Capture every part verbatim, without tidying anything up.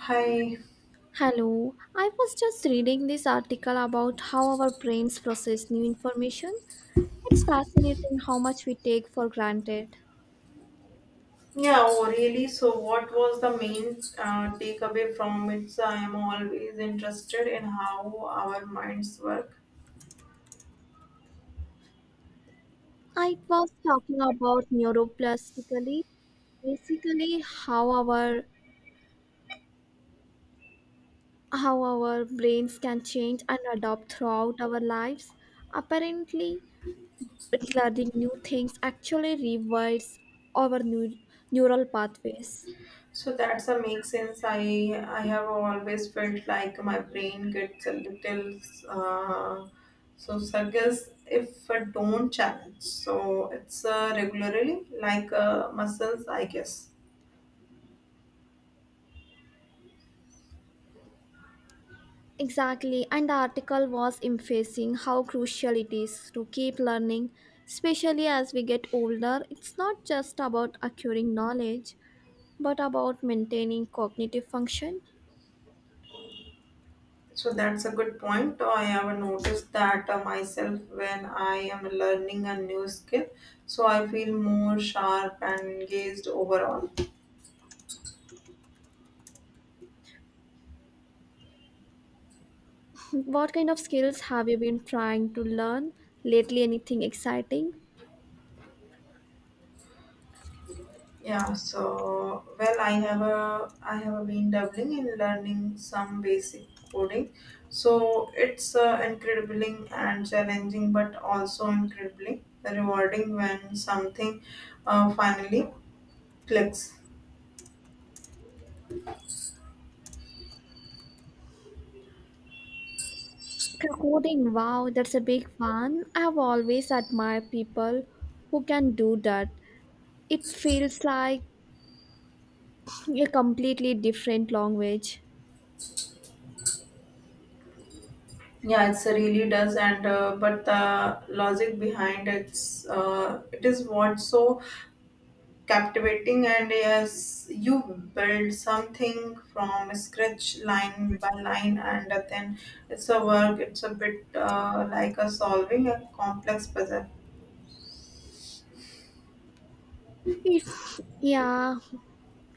Hi. Hello, I was just reading this article about how our brains process new information. It's fascinating how much we take for granted. Yeah, oh, really. So, what was the main uh, takeaway from it? So I am always interested in how our minds work. I was talking about neuroplasticity, basically how our how our brains can change and adapt throughout our lives. Apparently, learning new things actually rewires our new neural pathways. So that's a make sense. I I have always felt like my brain gets a little uh, so suggest if I don't challenge. So it's uh, regularly like uh, muscles, I guess. Exactly, and the article was emphasizing how crucial it is to keep learning, especially as we get older. It's not just about acquiring knowledge, but about maintaining cognitive function. So that's a good point. I have noticed that uh, myself when I am learning a new skill. So I feel more sharp and engaged overall. What kind of skills have you been trying to learn lately? Anything exciting? Yeah. So well, I have a I have a been dabbling in learning some basic coding. So it's uh, incredibly and challenging, but also incredibly rewarding when something uh, finally clicks. Coding, wow, that's a big one. I have always admired people who can do that. It feels like a completely different language. Yeah, it's a really does, and uh, but the logic behind it's uh, it is what's so captivating, and yes, you build something from scratch, line by line, and then it's a work. It's a bit uh, like a solving a complex puzzle. It, yeah,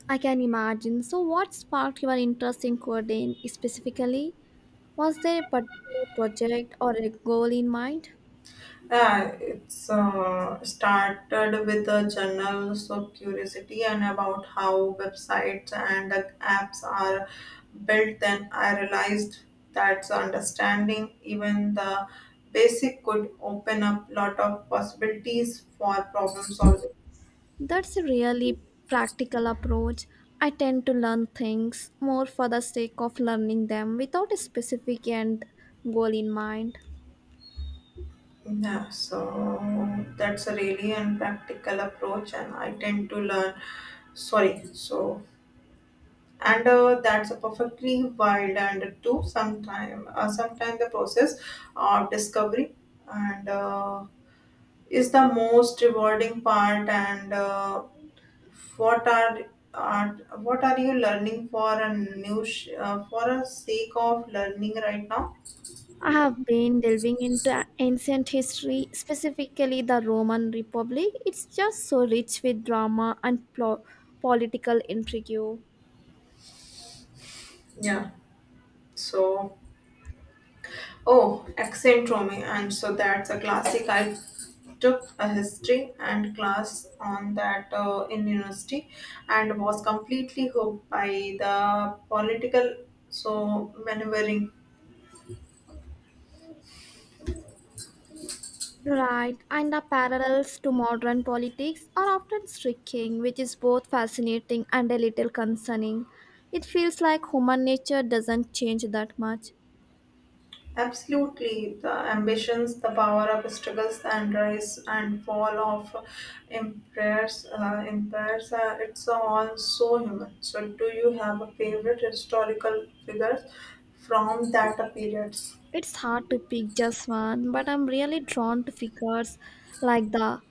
I can imagine. So, what sparked your interest in coding specifically? Was there a particular project or a goal in mind? Uh, it's uh, started with a journal, so curiosity and about how websites and uh, apps are built. Then I realized that's understanding even the basic could open up lot of possibilities for problem solving. That's a really practical approach. I tend to learn things more for the sake of learning them without a specific end goal in mind. Yeah, so that's a really unpractical approach, and I tend to learn. Sorry, so and uh, that's a perfectly wild and to sometime uh, sometime the process of discovery and uh, is the most rewarding part and uh, what are are what are you learning for a new sh- uh, for a sake of learning right now. I have been delving into ancient history, specifically the Roman Republic. It's just so rich with drama and plo- political intrigue. Yeah, so, oh, Accentrome, and so that's a classic. I took a history and class on that uh, in university, and was completely hooked by the political so maneuvering. Right, and the parallels to modern politics are often striking, which is both fascinating and a little concerning. It feels like human nature doesn't change that much. Absolutely, the ambitions, the power of struggles, and rise and fall of empires. Uh, empires, uh, it's all so human. So, do you have a favorite historical figures from that period? It's hard to pick just one, but I'm really drawn to figures like the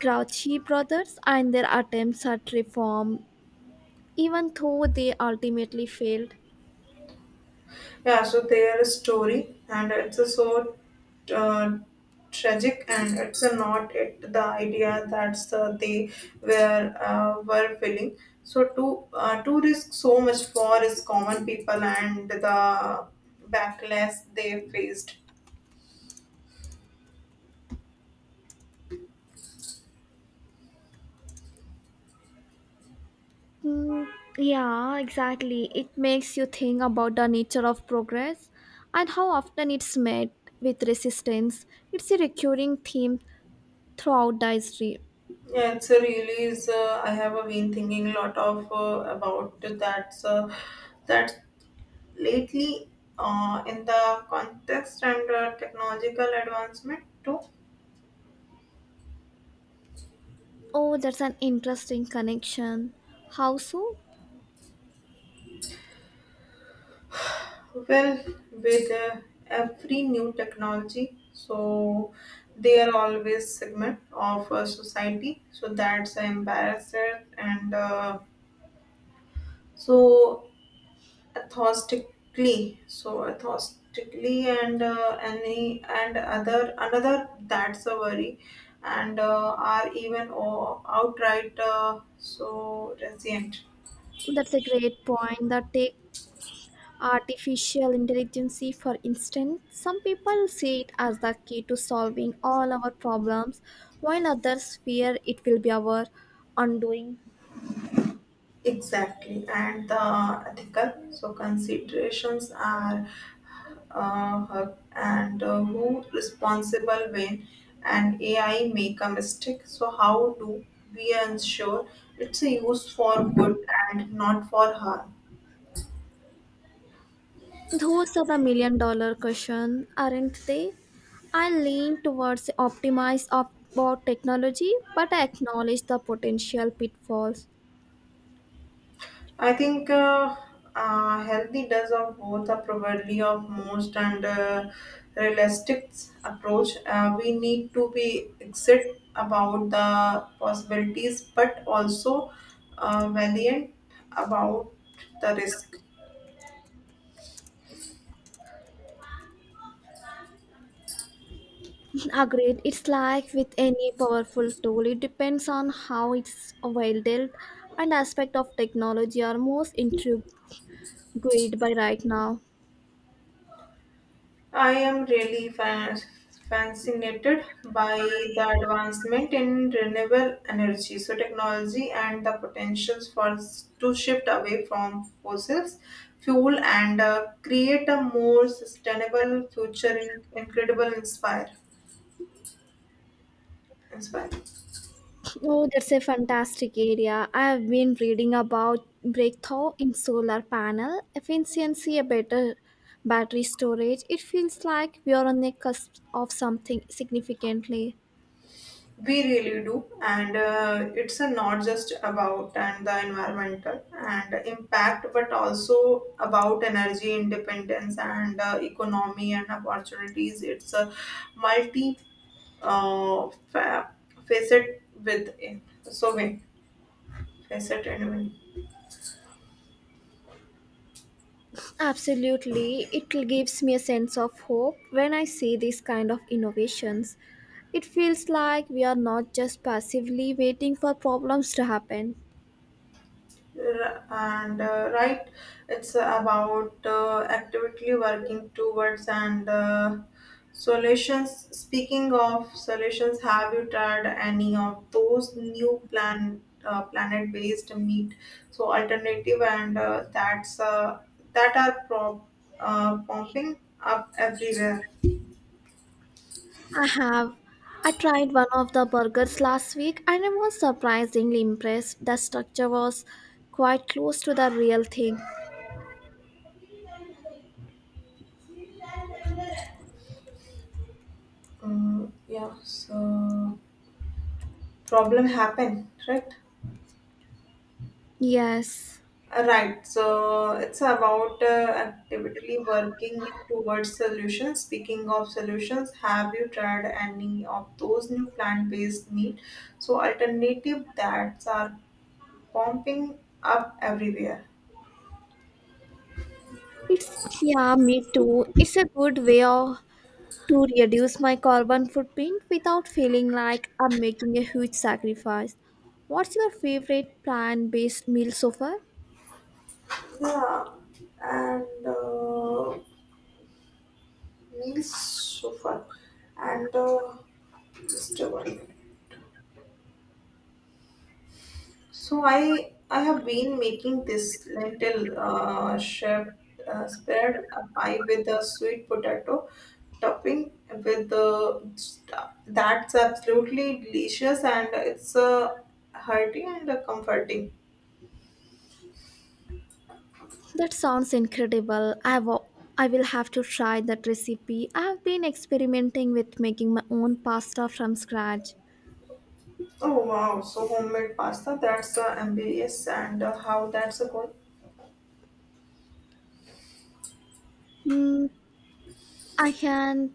Grouchy brothers and their attempts at reform, even though they ultimately failed. Yeah, so their story, and it's a so uh, tragic, and it's a not it the idea that's uh, they were uh, were feeling. So to uh, to risk so much for is common people and the backlash they faced. Mm, yeah, exactly. It makes you think about the nature of progress and how often it's met with resistance. It's a recurring theme throughout the history. Yeah, it's a really is. Uh, I have uh, been thinking a lot of uh, about that. Uh, that Lately, uh, in the context and uh, technological advancement too. Oh, that's an interesting connection. How so? Well, with uh, every new technology, so they are always segment of uh, society. So that's uh, embarrassed and uh, so authentically, so authentically and uh, any and other another that's a worry, and uh, are even uh, outright uh, so resilient. That's a great point. That take artificial intelligence, for instance, some people see it as the key to solving all our problems, while others fear it will be our undoing. Exactly, and the ethical so considerations are uh, her- and uh, who responsible when an A I make a mistake. So how do we ensure it's a use for good and not for harm? Those are the million dollar question, aren't they? I lean towards optimize op- about technology, but I acknowledge the potential pitfalls. I think uh, uh, healthy does of both are probably of most and uh, realistic approach. Uh, we need to be exit about the possibilities, but also uh, valiant about the risk. Agreed, it's like with any powerful tool, it depends on how it's wielded and aspect of technology are most intrigued by right now. I am really fa- fascinated by the advancement in renewable energy, so technology and the potentials for s- to shift away from fossils fuel and uh, create a more sustainable future in incredible inspire inspire. Oh, that's a fantastic area. I have been reading about breakthrough in solar panel efficiency, a better battery storage. It feels like we are on the cusp of something significantly. We really do, and uh, it's uh, not just about and the environmental and impact, but also about energy independence and uh, economy and opportunities. It's a multi uh, fa- facet with so many facet anyway. Absolutely, it gives me a sense of hope when I see these kind of innovations. It feels like we are not just passively waiting for problems to happen. R- and uh, right it's about uh, actively working towards and uh, solutions. Speaking of solutions, have you tried any of those new plan uh, planet based meat so alternative and uh, that's uh, that are prop, uh, popping up everywhere? I have. I tried one of the burgers last week and I was surprisingly impressed. The structure was quite close to the real thing. Mm, yeah, so problem happen, right? Yes. Right. So it's about uh, actively working towards solutions. Speaking of solutions, have you tried any of those new plant-based meat? So alternative that are pumping up everywhere. It's, yeah, me too. It's a good way of, to reduce my carbon footprint without feeling like I'm making a huge sacrifice. What's your favorite plant-based meal so far? Yeah, and uh, meals so far, and uh, just a one. So I I have been making this lentil uh, shaped uh, spread a pie with a sweet potato topping with the That's absolutely delicious and it's uh, hearty and uh, comforting. That sounds incredible. I wa- I will have to try that recipe. I have been experimenting with making my own pasta from scratch. Oh wow! So homemade pasta. That's uh, ambitious and uh, how that's a good. Mm, I can,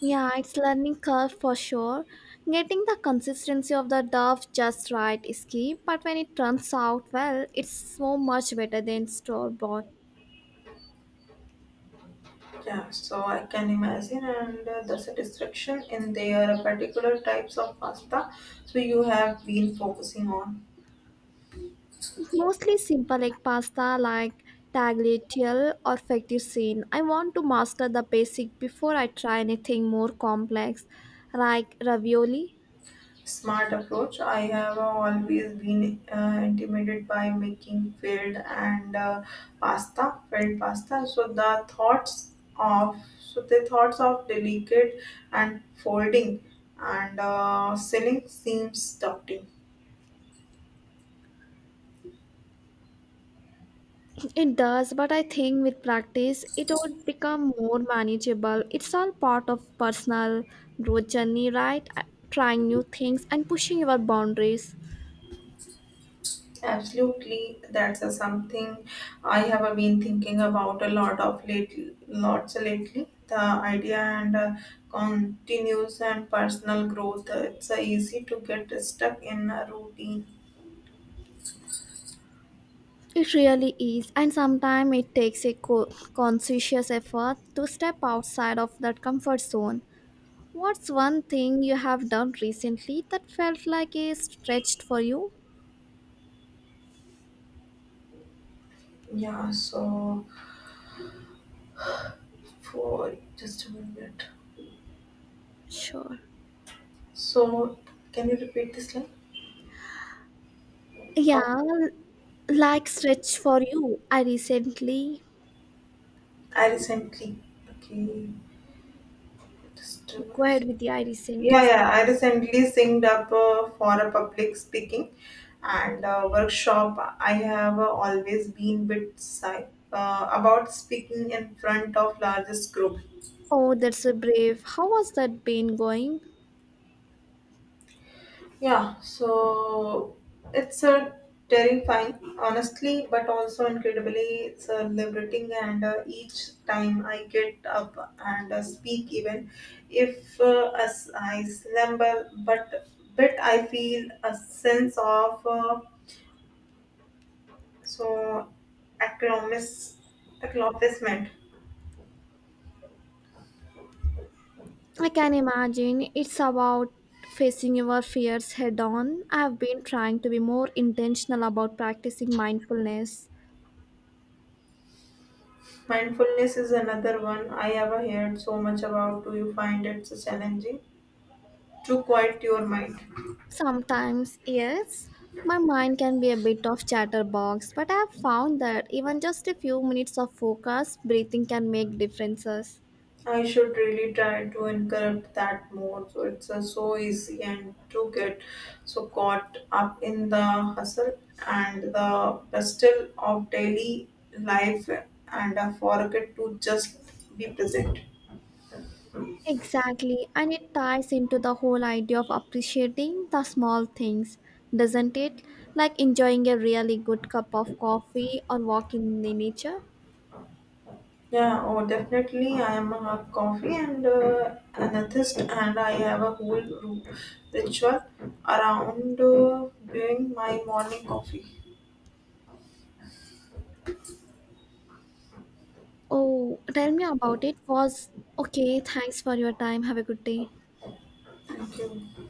yeah, it's learning curve for sure. Getting the consistency of the dough just right is key, but when it turns out well, it's so much better than store bought. Yeah, so I can imagine and uh, the satisfaction in their particular types of pasta. So you have been focusing on. Mostly simple like pasta like tagliatelle or fettuccine. I want to master the basic before I try anything more complex like ravioli. Smart approach. I have always been uh, intimidated by making filled and uh, pasta, filled pasta. So the thoughts of so the thoughts of delicate and folding and uh, selling seems daunting. It does, but I think with practice it would become more manageable. It's all part of personal growth journey, right? Uh, Trying new things and pushing your boundaries. Absolutely, that's a something I have been thinking about a lot of lately. Lots lately, the idea and uh, continues and personal growth. uh, It's uh, easy to get stuck in a routine. It really is, and sometimes it takes a co- conscious effort to step outside of that comfort zone. What's one thing you have done recently that felt like a stretch for you? Yeah. So for just a minute. Sure. So can you repeat this line? Come, Yeah, l- like stretch for you. I recently I recently. Okay. Just a go minute. ahead with the I Yeah, recently. yeah. I recently signed up uh, for a public speaking and uh, workshop. I have uh, always been bit shy uh, about speaking in front of largest group. Oh, that's a brave. How was that been going? Yeah, so it's a terrifying, honestly, but also incredibly it's uh, liberating. And uh, each time I get up and uh, speak, even if uh, as I slumber, but but I feel a sense of uh, so, accomplish- accomplishment. I can imagine it's about facing your fears head on. I've been trying to be more intentional about practicing mindfulness. Mindfulness is another one I ever heard so much about. Do you find it so challenging to quiet your mind? Sometimes, yes, my mind can be a bit of chatterbox, but I have found that even just a few minutes of focused breathing can make differences. I should really try to incorporate that more. So it's uh, so easy and to get so caught up in the hustle and the bustle of daily life and uh, forget to just be present. Exactly, and it ties into the whole idea of appreciating the small things, doesn't it? Like enjoying a really good cup of coffee or walking in the nature. Yeah, oh, definitely. I am a coffee and uh, atheist, and I have a whole ru- ritual around uh, doing my morning coffee. Oh, tell me about it. Was okay, thanks for your time. Have a good day. Thank you.